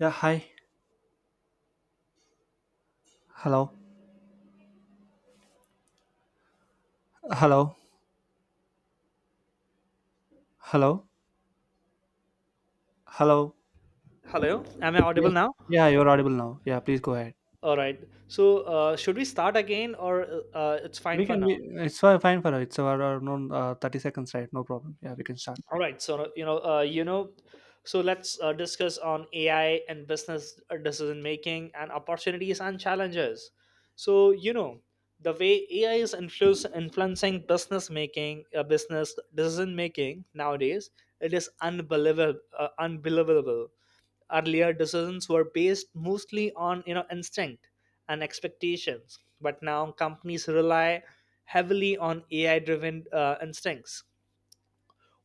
Yeah, hi. Hello. Hello. Hello. Hello. Hello, am I audible Yeah. now? Yeah, you're audible now. Yeah, please go ahead. All right. Should we start again, or it's fine We for can now? be, it's fine for her. It's around 30 seconds, right? No problem. Yeah, we can start. All right. So let's discuss on AI and business decision making and opportunities and challenges. So, you know, the way AI is influencing business decision making nowadays, it is unbelievable. Earlier decisions were based mostly on instinct and expectations, but now companies rely heavily on AI-driven instincts.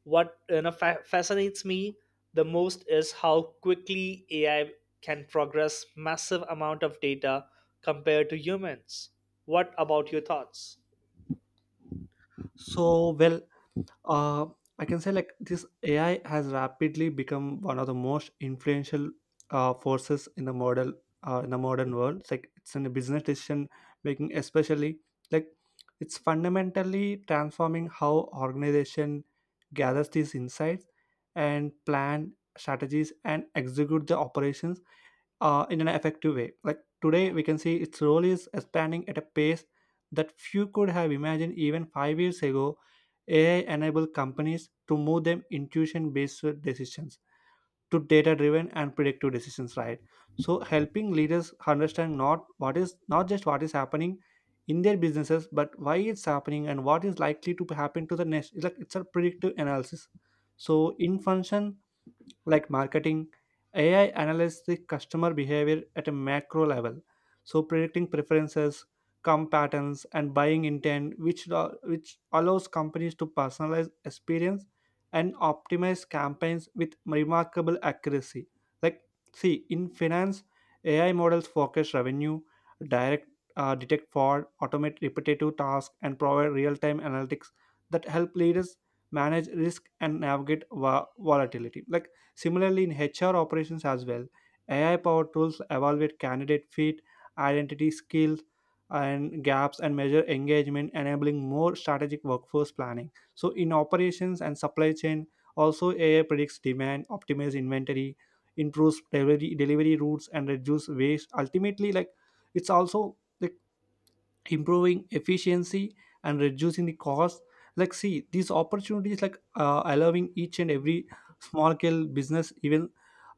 What fascinates me the most is how quickly AI can progress massive amount of data compared to humans. What about your thoughts? So, well, uh, I can say like this, AI has rapidly become one of the most influential forces in the model in the modern world. It's like it's in a business decision making, especially like it's fundamentally transforming how organization gathers these insights and plan strategies and execute the operations in an effective way. Like today, we can see its role is expanding at a pace that few could have imagined even 5 years ago. AI enabled companies to move them intuition based decisions to data driven and predictive decisions, right? So, helping leaders understand not just what is happening in their businesses, but why it's happening and what is likely to happen to the next. It's like it's a predictive analysis. So, in function, like marketing, AI analyzes the customer behavior at a macro level, so predicting preferences, com patterns, and buying intent, which allows companies to personalize experience and optimize campaigns with remarkable accuracy. Like, see, in finance, AI models forecast revenue, direct detect fraud, automate repetitive tasks, and provide real-time analytics that help leaders manage risk and navigate volatility. Like, similarly, in HR operations as well, AI powered tools evaluate candidate fit, identity skills, and gaps and measure engagement, enabling more strategic workforce planning. So, in operations and supply chain, also AI predicts demand, optimizes inventory, improves delivery, delivery routes, and reduce waste. Ultimately, like it's also like improving efficiency and reducing the cost, like see these opportunities like allowing each and every small scale business even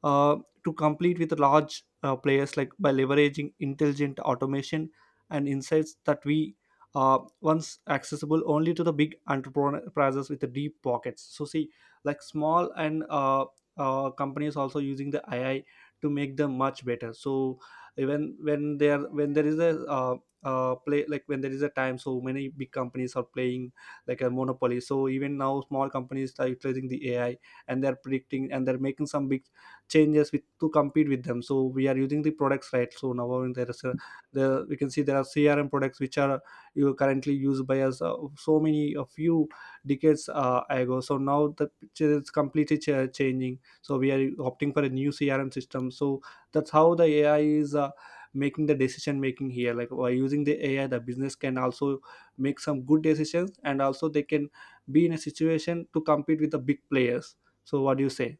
uh, to compete with large players, like by leveraging intelligent automation and insights that we once accessible only to the big enterprises with the deep pockets. So see, like small and companies also using the AI to make them much better. So even when there is a play, like when there is a time, so many big companies are playing like a monopoly, so even now small companies are utilizing the AI and they're predicting and they're making some big changes with to compete with them. So we are using the products, right? So now on there is a, the we can see there are CRM products which are you currently used by us so many a few decades ago. So now the picture is completely changing, so we are opting for a new CRM system. So that's how the AI is making the decision making here, like by using the AI the business can also make some good decisions and also they can be in a situation to compete with the big players. So what do you say?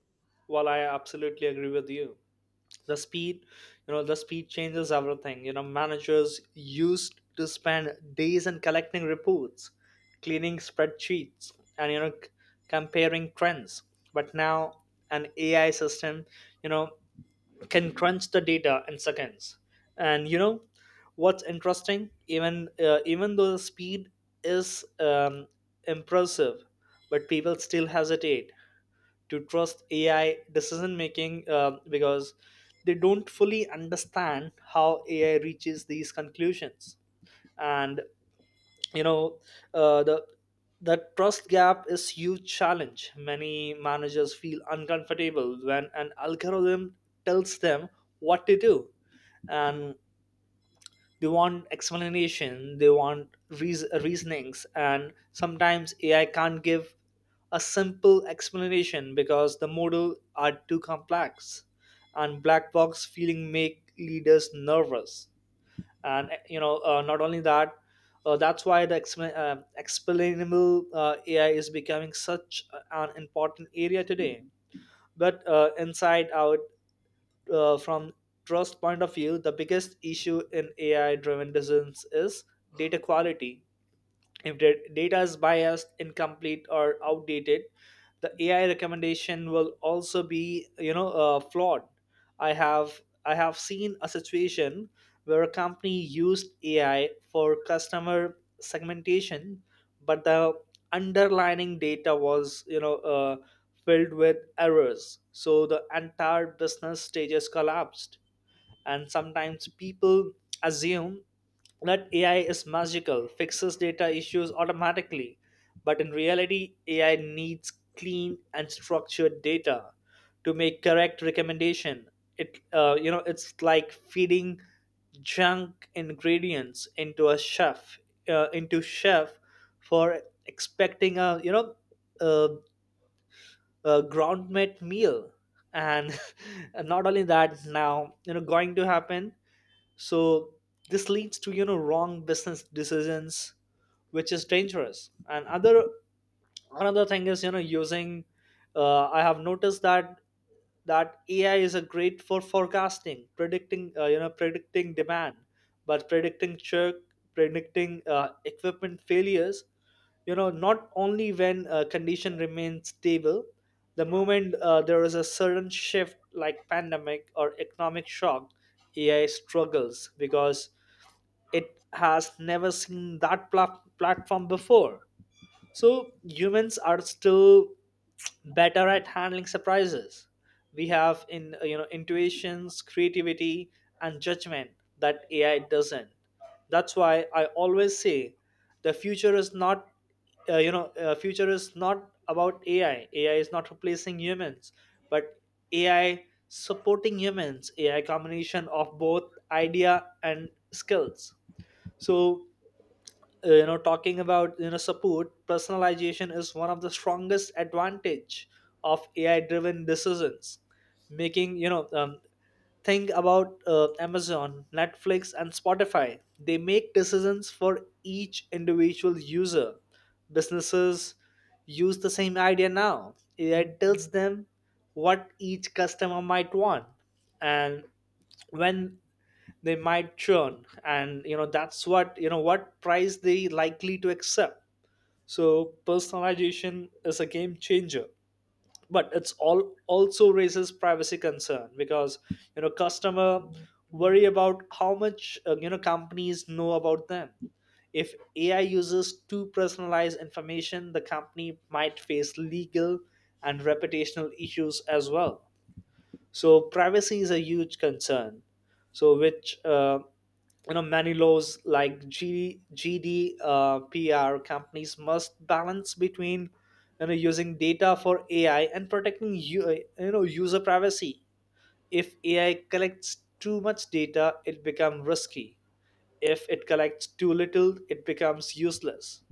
Well, I absolutely agree with you. the speed the speed changes everything. Managers used to spend days in collecting reports, cleaning spreadsheets, and comparing trends, but now an AI system, you know can crunch the data in seconds. And what's interesting, even though the speed is impressive, but people still hesitate to trust AI decision making, because they don't fully understand how AI reaches these conclusions. And you know, the that trust gap is huge challenge. Many managers feel uncomfortable when an algorithm tells them what to do, and they want explanation, they want reasonings, and sometimes AI can't give a simple explanation because the model are too complex, and black box feeling make leaders nervous. And you know Not only that, that's why the explainable AI is becoming such an important area today. But Inside out, from trust point of view, the biggest issue in AI-driven decisions is data quality. If the data is biased, incomplete, or outdated, the AI recommendation will also be, flawed. I have I have seen a situation where a company used AI for customer segmentation, but the underlying data was, filled with errors. So the entire business stages collapsed, and sometimes people assume that AI is magical, fixes data issues automatically. But in reality, AI needs clean and structured data to make correct recommendation. It It's like feeding junk ingredients into a chef for expecting a a, a ground meat meal. And not only that, now you know going to happen. So this leads to wrong business decisions, which is dangerous. And other Another thing is, you know using I have noticed that AI is a great for forecasting, predicting, predicting demand, but predicting churn, predicting equipment failures, not only when condition remains stable. The moment there is a sudden shift like pandemic or economic shock, AI struggles because it has never seen that platform before. So humans are still better at handling surprises. We have in intuitions, creativity, and judgment that AI doesn't. That's why I always say the future is not about AI. AI is not replacing humans, but AI supporting humans. AI combination of both idea and skills. So talking about, support personalization is one of the strongest advantage of AI driven decisions making. Think about Amazon, Netflix, and Spotify. They make decisions for each individual user. Businesses use the same idea now. AI tells them what each customer might want, and when they might churn, and you know that's what you know what price they likely to accept. So personalization is a game changer, but it's all also raises privacy concern because customer worry about how much, companies know about them. If AI uses too personalized information, the company might face legal and reputational issues as well. So privacy is a huge concern. So which you know Many laws like G- GDPR, companies must balance between using data for AI and protecting user privacy. If AI collects too much data, it becomes risky. If it collects too little, it becomes useless.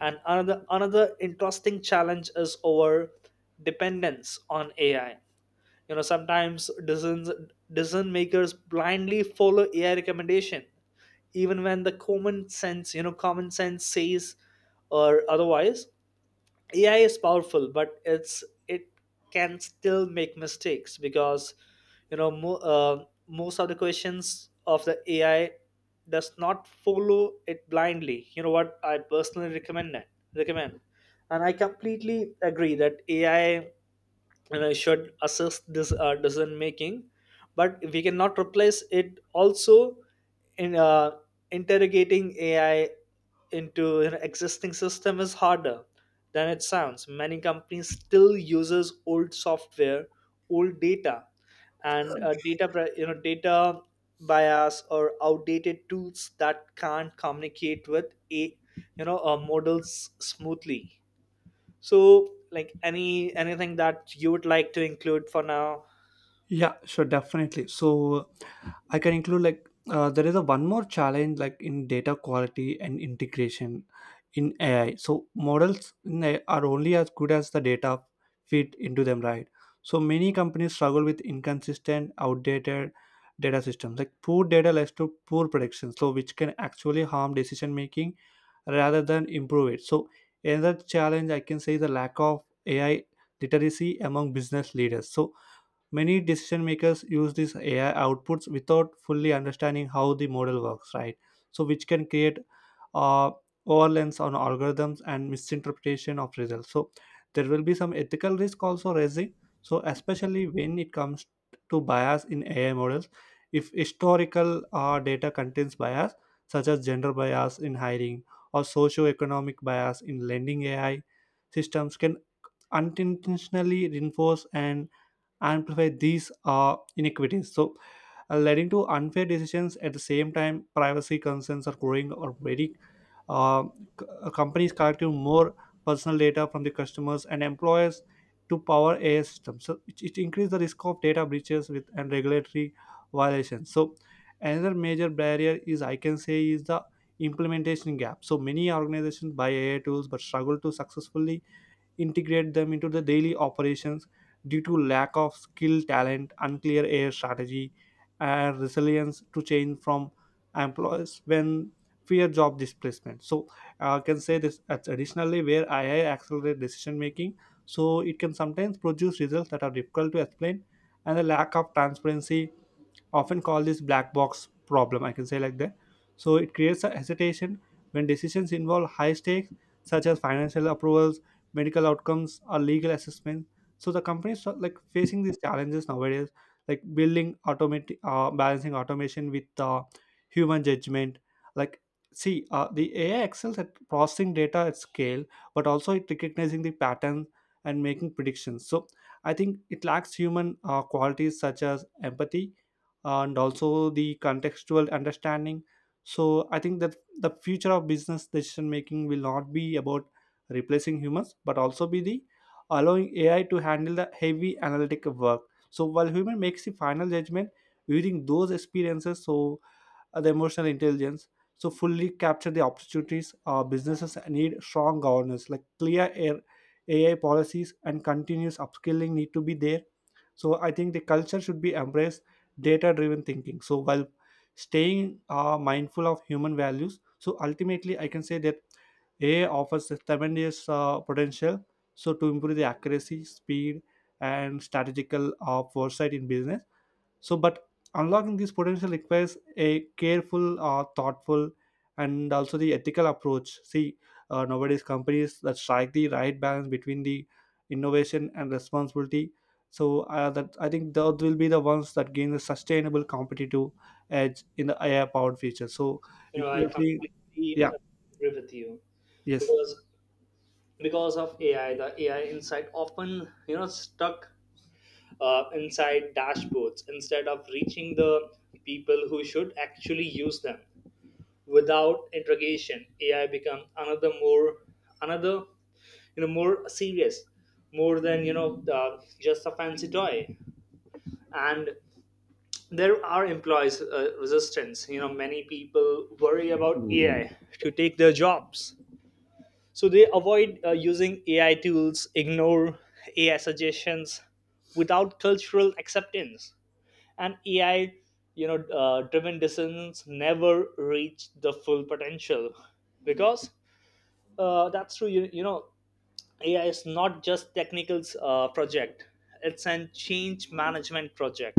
And another Another interesting challenge is our dependence on AI. Sometimes decision makers blindly follow AI recommendation, even when the common sense, common sense says or otherwise. AI is powerful, but it can still make mistakes because most of the questions of the AI does not follow it blindly. You know what I personally recommend, and I completely agree that AI and I should assist this decision making, but we cannot replace it also. In Interrogating AI into an existing system is harder than it sounds. Many companies still uses old software, old data, and data pri- you know data bias or outdated tools that can't communicate with a models smoothly. So, like anything that you would like to include for now? Yeah, sure, definitely. So I can include like there is a one more challenge like in data quality and integration in AI. So models in AI are only as good as the data fit into them, right? So many companies struggle with inconsistent, outdated data systems. Like poor data leads to poor predictions, so which can actually harm decision making rather than improve it. So another challenge I can say is the lack of AI literacy among business leaders. So many decision makers use these AI outputs without fully understanding how the model works, right? So which can create uh, overlaps on algorithms and misinterpretation of results. So there will be some ethical risk also raising, so especially when it comes to bias in AI models. If historical data contains bias such as gender bias in hiring or socio-economic bias in lending, AI systems can unintentionally reinforce and amplify these inequities, so leading to unfair decisions. At the same time, privacy concerns are growing or very uh, companies collecting more personal data from the customers and employers to power AI systems. So it increases the risk of data breaches with and regulatory violations. So another major barrier is I can say is the implementation gap. So many organizations buy AI tools but struggle to successfully integrate them into the daily operations due to lack of skill talent, unclear air strategy, and resilience to change from employers when fear job displacement. So I can say this, that's additionally where AI accelerate decision making, so it can sometimes produce results that are difficult to explain, and the lack of transparency often call this black box problem, I can say like that. So it creates a hesitation when decisions involve high stakes such as financial approvals, medical outcomes, or legal assessment. So the companies are like facing these challenges nowadays, like building automate balancing automation with human judgment. Like see, the AI excels at processing data at scale, but also it recognizing the patterns and making predictions. So I think it lacks human qualities such as empathy and also the contextual understanding. So I think that the future of business decision making will not be about replacing humans, but also be the allowing AI to handle the heavy analytic work, so while human makes the final judgment using those experiences. So the emotional intelligence, so fully capture the opportunities, businesses need strong governance like clear air AI policies and continuous upskilling need to be there. So I think the culture should be embrace data driven thinking, so while staying mindful of human values. So ultimately I can say that AI offers a tremendous potential, so to improve the accuracy, speed, and strategical foresight in business. So, but unlocking this potential requires a careful, thoughtful, and also the ethical approach. See, nowadays companies that strike the right balance between the innovation and responsibility. So, that I think those will be the ones that gain the sustainable competitive edge in the AI-powered future. So, You you, know, I you're completely yeah, agree with you, yes. because of AI, the AI insight often stuck inside dashboards instead of reaching the people who should actually use them. Without interrogation, AI become another, you know more serious more than, just a fancy toy. And there are employees resistance. Many people worry about AI to take their jobs, so they avoid using AI tools, ignore AI suggestions. Without cultural acceptance, and AI driven decisions never reach the full potential, because that's true. AI is not just technical project. It's a change management project.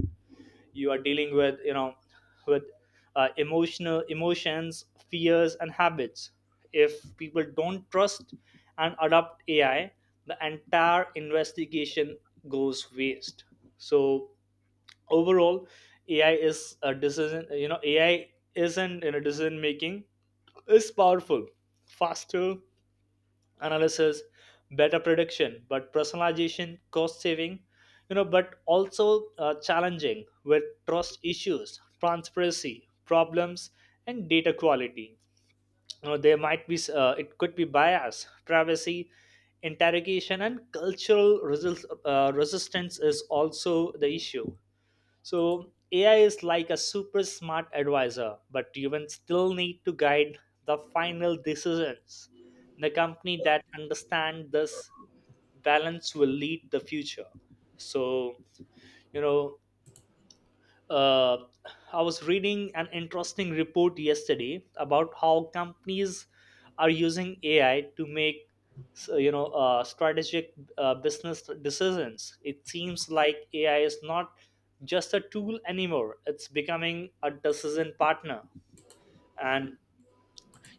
You are dealing with you know with emotional emotions, fears, and habits. If people don't trust and adopt AI, the entire investigation goes waste. So overall, ai is a decision you know AI isn't in a decision making is powerful, faster analysis, better prediction, but personalization, cost saving, but also challenging with trust issues, transparency, problems, and data quality. You know, there might be, it could be bias, privacy, interrogation, and cultural resistance is also the issue. So AI is like a super smart advisor, but humans still need to guide the final decisions. The company that understand this balance will lead the future. So, you know uh, I was reading an interesting report yesterday about how companies are using AI to make strategic business decisions. It seems like AI is not just a tool anymore; it's becoming a decision partner, and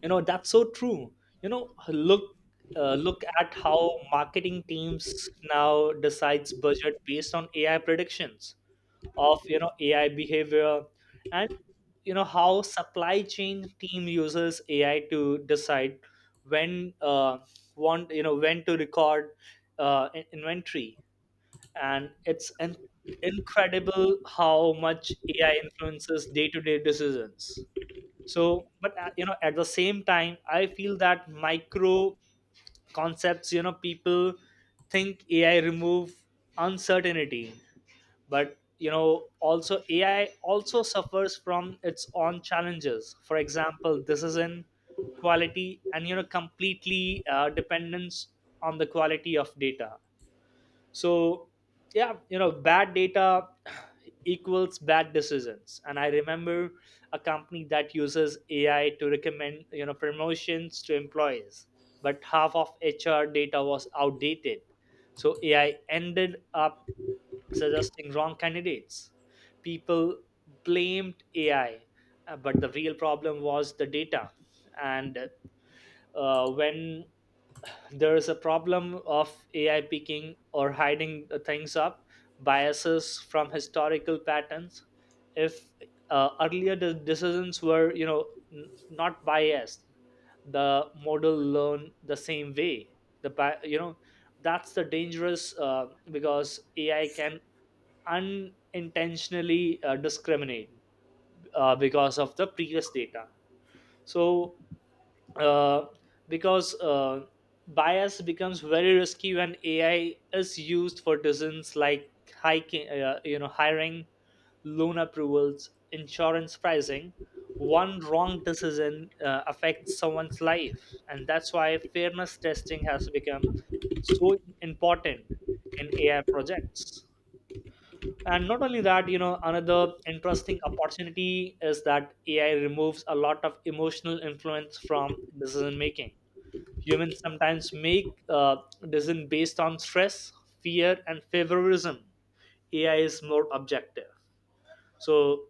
that's so true. You know, look. Look at how marketing teams now decides budget based on AI predictions of AI behavior, and how supply chain team uses AI to decide when want you know when to record inventory. and it's in- Incredible how much AI influences day-to-day decisions. So but you know At the same time, I feel that micro concepts, people think AI remove uncertainty, but also AI also suffers from its own challenges. For example, this is in quality and completely dependence on the quality of data. So, bad data equals bad decisions. And I remember a company that uses AI to recommend promotions to employees, but half of HR data was outdated, so AI ended up suggesting wrong candidates. People blamed AI, but the real problem was the data. And When there is a problem of AI picking or hiding things up, biases from historical patterns. If earlier the decisions were, not biased, the model learn the same way. The bi- you know That's the dangerous, because AI can unintentionally discriminate because of the previous data. So uh, because bias becomes very risky when AI is used for decisions like hiring, loan approvals, insurance pricing. One wrong decision affects someone's life, and that's why fairness testing has become so important in AI projects. And not only that, you know, another interesting opportunity is that AI removes a lot of emotional influence from decision making. Humans sometimes make decisions based on stress, fear, and favoritism. AI is more objective. So,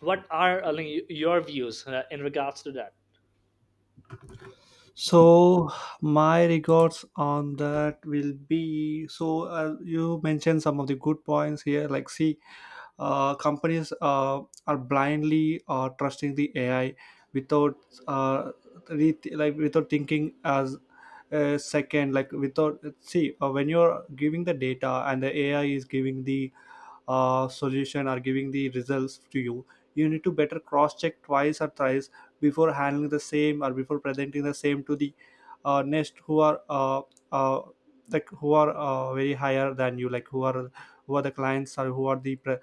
what are your views in regards to that? So my regards on that will be, so you mentioned some of the good points here. Like see, companies are blindly trusting the AI without uh, like without thinking as a second, like without see, when you're giving the data and the AI is giving the solution or giving the results to you, you need to better cross check twice or thrice before handling the same or before presenting the same to the next who are uh, like who are very higher than you, like who are the clients or who are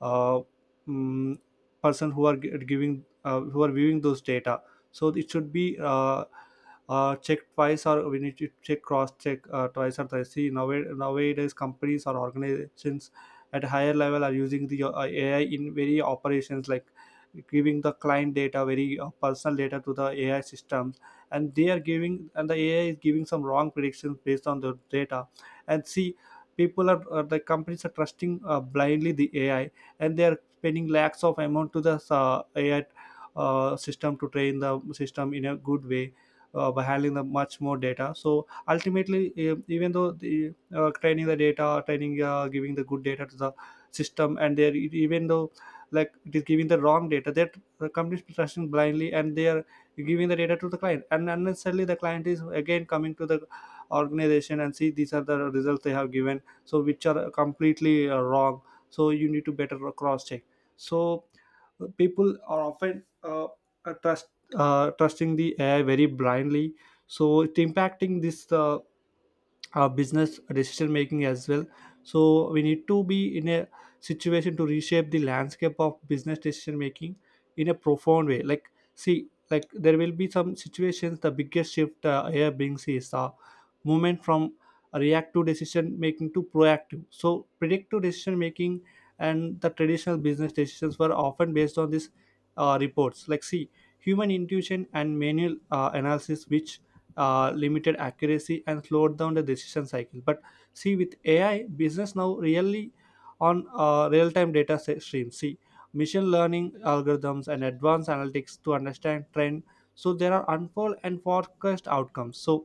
uh, mm, person who are giving who are viewing those data. So it should be check twice, or we need to check cross check twice or thrice. See nowadays, nowadays companies or organizations at higher level are using the AI in very operations, like giving the client data, very personal data to the AI systems, and they are giving and the AI is giving some wrong predictions based on the data. And see, people are the companies are trusting blindly the AI, and they are spending lakhs of amount to the AI system to train the system in a good way by handling the much more data. So ultimately, even though the training the data training giving the good data to the system, and they're even though like it is giving the wrong data, that the company is trusting blindly, and they are giving the data to the client, and unnecessarily the client is again coming to the organization, and see these are the results they have given, so which are completely wrong. So you need to better cross check. So people are often uh, trust trusting the AI very blindly, so it's impacting this business decision making as well. So we need to be in a situation to reshape the landscape of business decision making in a profound way. Like see, like there will be some situations. The biggest shift here brings is a movement from reactive decision making to proactive, so predictive decision making. And the traditional business decisions were often based on these reports, like see, human intuition and manual analysis, which limited accuracy and slowed down the decision cycle. But see, with AI business now really on real-time data streams, see machine learning algorithms and advanced analytics to understand trend, so there are unfold and forecast outcomes. So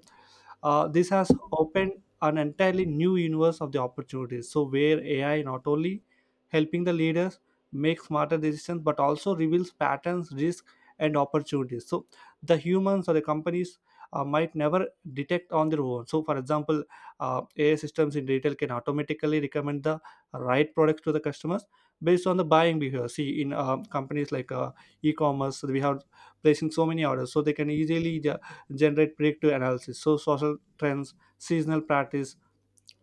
this has opened an entirely new universe of the opportunities. So where AI not only helping the leaders make smarter decisions but also reveals patterns, risks, and opportunities. So the humans or the companies might never detect on their own. So, for example, AI systems in retail can automatically recommend the right products to the customers based on the buying behavior. See, in companies like e-commerce, we have placing so many orders, so they can easily generate predictive analysis. So social trends, seasonal practice,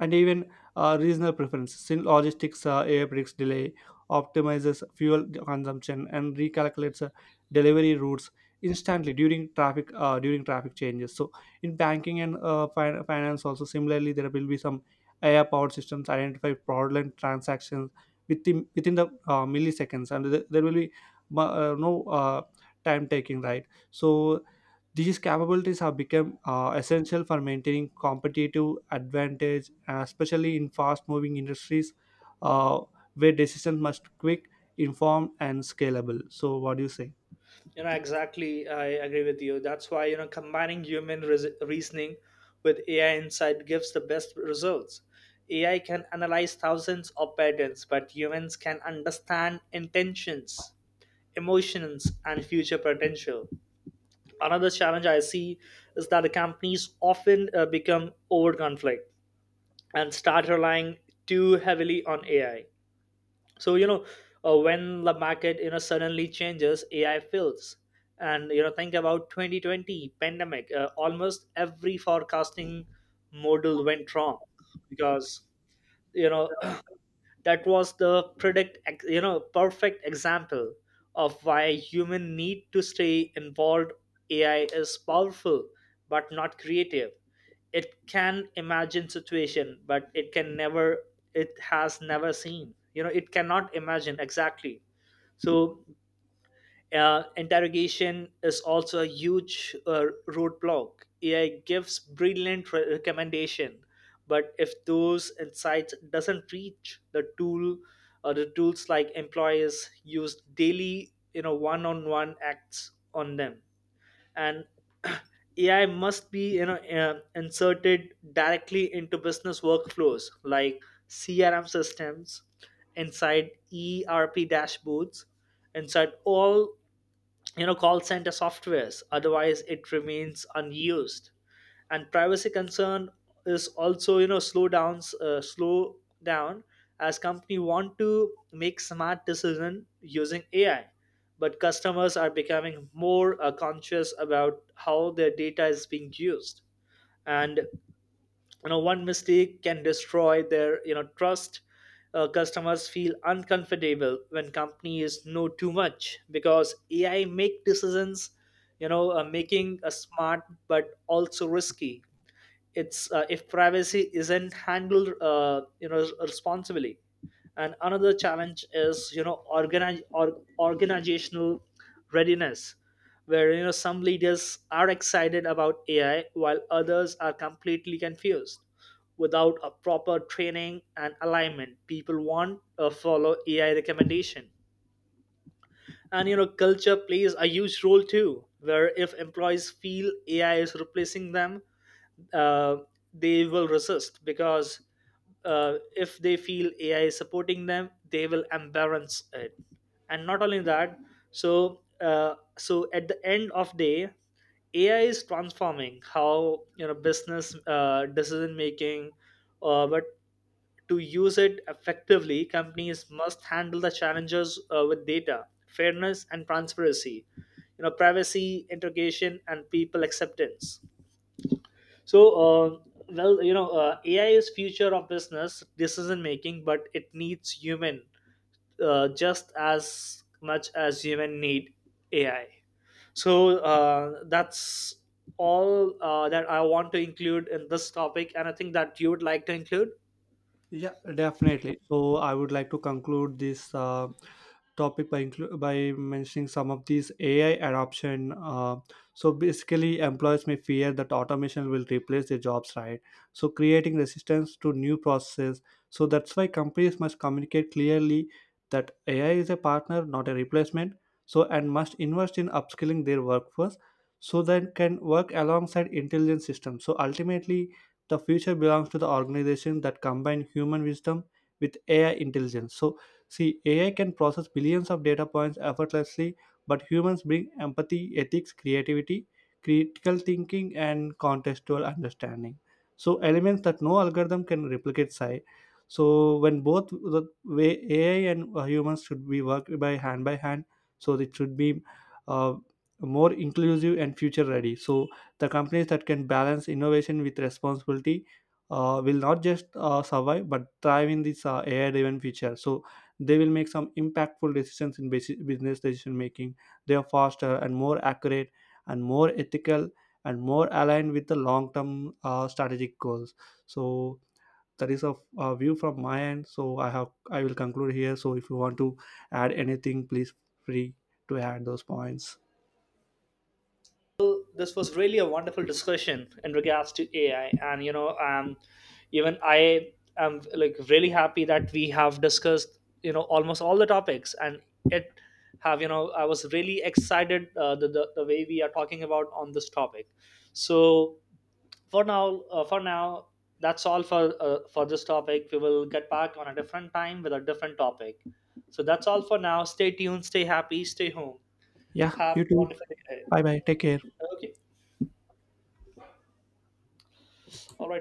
and even regional preferences. In logistics, AI predicts delay, optimizes fuel consumption, and recalculates delivery routes instantly during traffic changes. So in banking and finance, also similarly, there will be some AI powered systems identify fraudulent transactions within the milliseconds, and there will be no time taking, right? So these capabilities have become essential for maintaining competitive advantage, especially in fast-moving industries uh, where decisions must quick, informed, and scalable. So, what do you say? You know, exactly. I agree with you. That's why, you know, combining human reasoning with AI insight gives the best results. AI can analyze thousands of patterns, but humans can understand intentions, emotions, and future potential. Another challenge I see is that the companies often become over conflict and start relying too heavily on AI. So you know when the market suddenly changes, AI fills. And think about 2020 pandemic. Almost every forecasting model went wrong because you know that was the predict ex- you know perfect example of why human need to stay involved. AI is powerful, but not creative. It can imagine situation, but it can never, it has never seen, it cannot imagine exactly. So, interrogation is also a huge roadblock. AI gives brilliant recommendation, but if those insights doesn't reach the tools like employers use daily, you know, one-on-one acts on them, and AI must be, inserted directly into business workflows like CRM systems, inside ERP dashboards, inside all call center softwares, otherwise it remains unused. And privacy concern is also slow down, as company want to make smart decision using AI, but customers are becoming more conscious about how their data is being used, and one mistake can destroy their, trust. Customers feel uncomfortable when companies know too much, because AI make decisions, making a smart but also risky. It's If privacy isn't handled, responsibly. And another challenge is, organize or organizational readiness, where some leaders are excited about AI while others are completely confused. Without a proper training and alignment, people want to follow AI recommendation. And culture plays a huge role too, where if employees feel AI is replacing them, uh, they will resist, because if they feel AI is supporting them, they will embarrass it. And not only that, at the end of day, AI is transforming how business decision making, but to use it effectively, companies must handle the challenges with data, fairness, and transparency. You know, privacy, integration, and people acceptance. So AI is future of business decision making, but it needs human just as much as human need AI. So that's all that I want to include in this topic, and I think that you would like to include. Yeah, definitely. So, I would like to conclude this. Topic by by mentioning some of these AI adoption. So basically, employers may fear that automation will replace their jobs, right? So creating resistance to new processes. So that's why companies must communicate clearly that AI is a partner, not a replacement. So and must invest in upskilling their workforce so that can work alongside intelligent systems. So ultimately, the future belongs to the organization that combine human wisdom with AI intelligence. So see, AI can process billions of data points effortlessly, but humans bring empathy, ethics, creativity, critical thinking, and contextual understanding. So, elements that no algorithm can replicate. Psi. So, when both the way AI and humans should be worked by hand, so it should be uh, more inclusive and future ready. So, the companies that can balance innovation with responsibility will not just survive but thrive in this AI driven future. So, they will make some impactful decisions in business decision making. They are faster and more accurate and more ethical and more aligned with the long term strategic goals. So that is a view from my end. So I will conclude here. So if you want to add anything, please free to add those points. Well, this was really a wonderful discussion in regards to AI, and even I am like really happy that we have discussed almost all the topics, and it have, I was really excited the way we are talking about on this topic. So for now, that's all for this topic. We will get back on a different time with a different topic. So that's all for now. Stay tuned, stay happy, stay home. Yeah, Have you a too. wonderful day. Bye bye, take care. Okay, all right.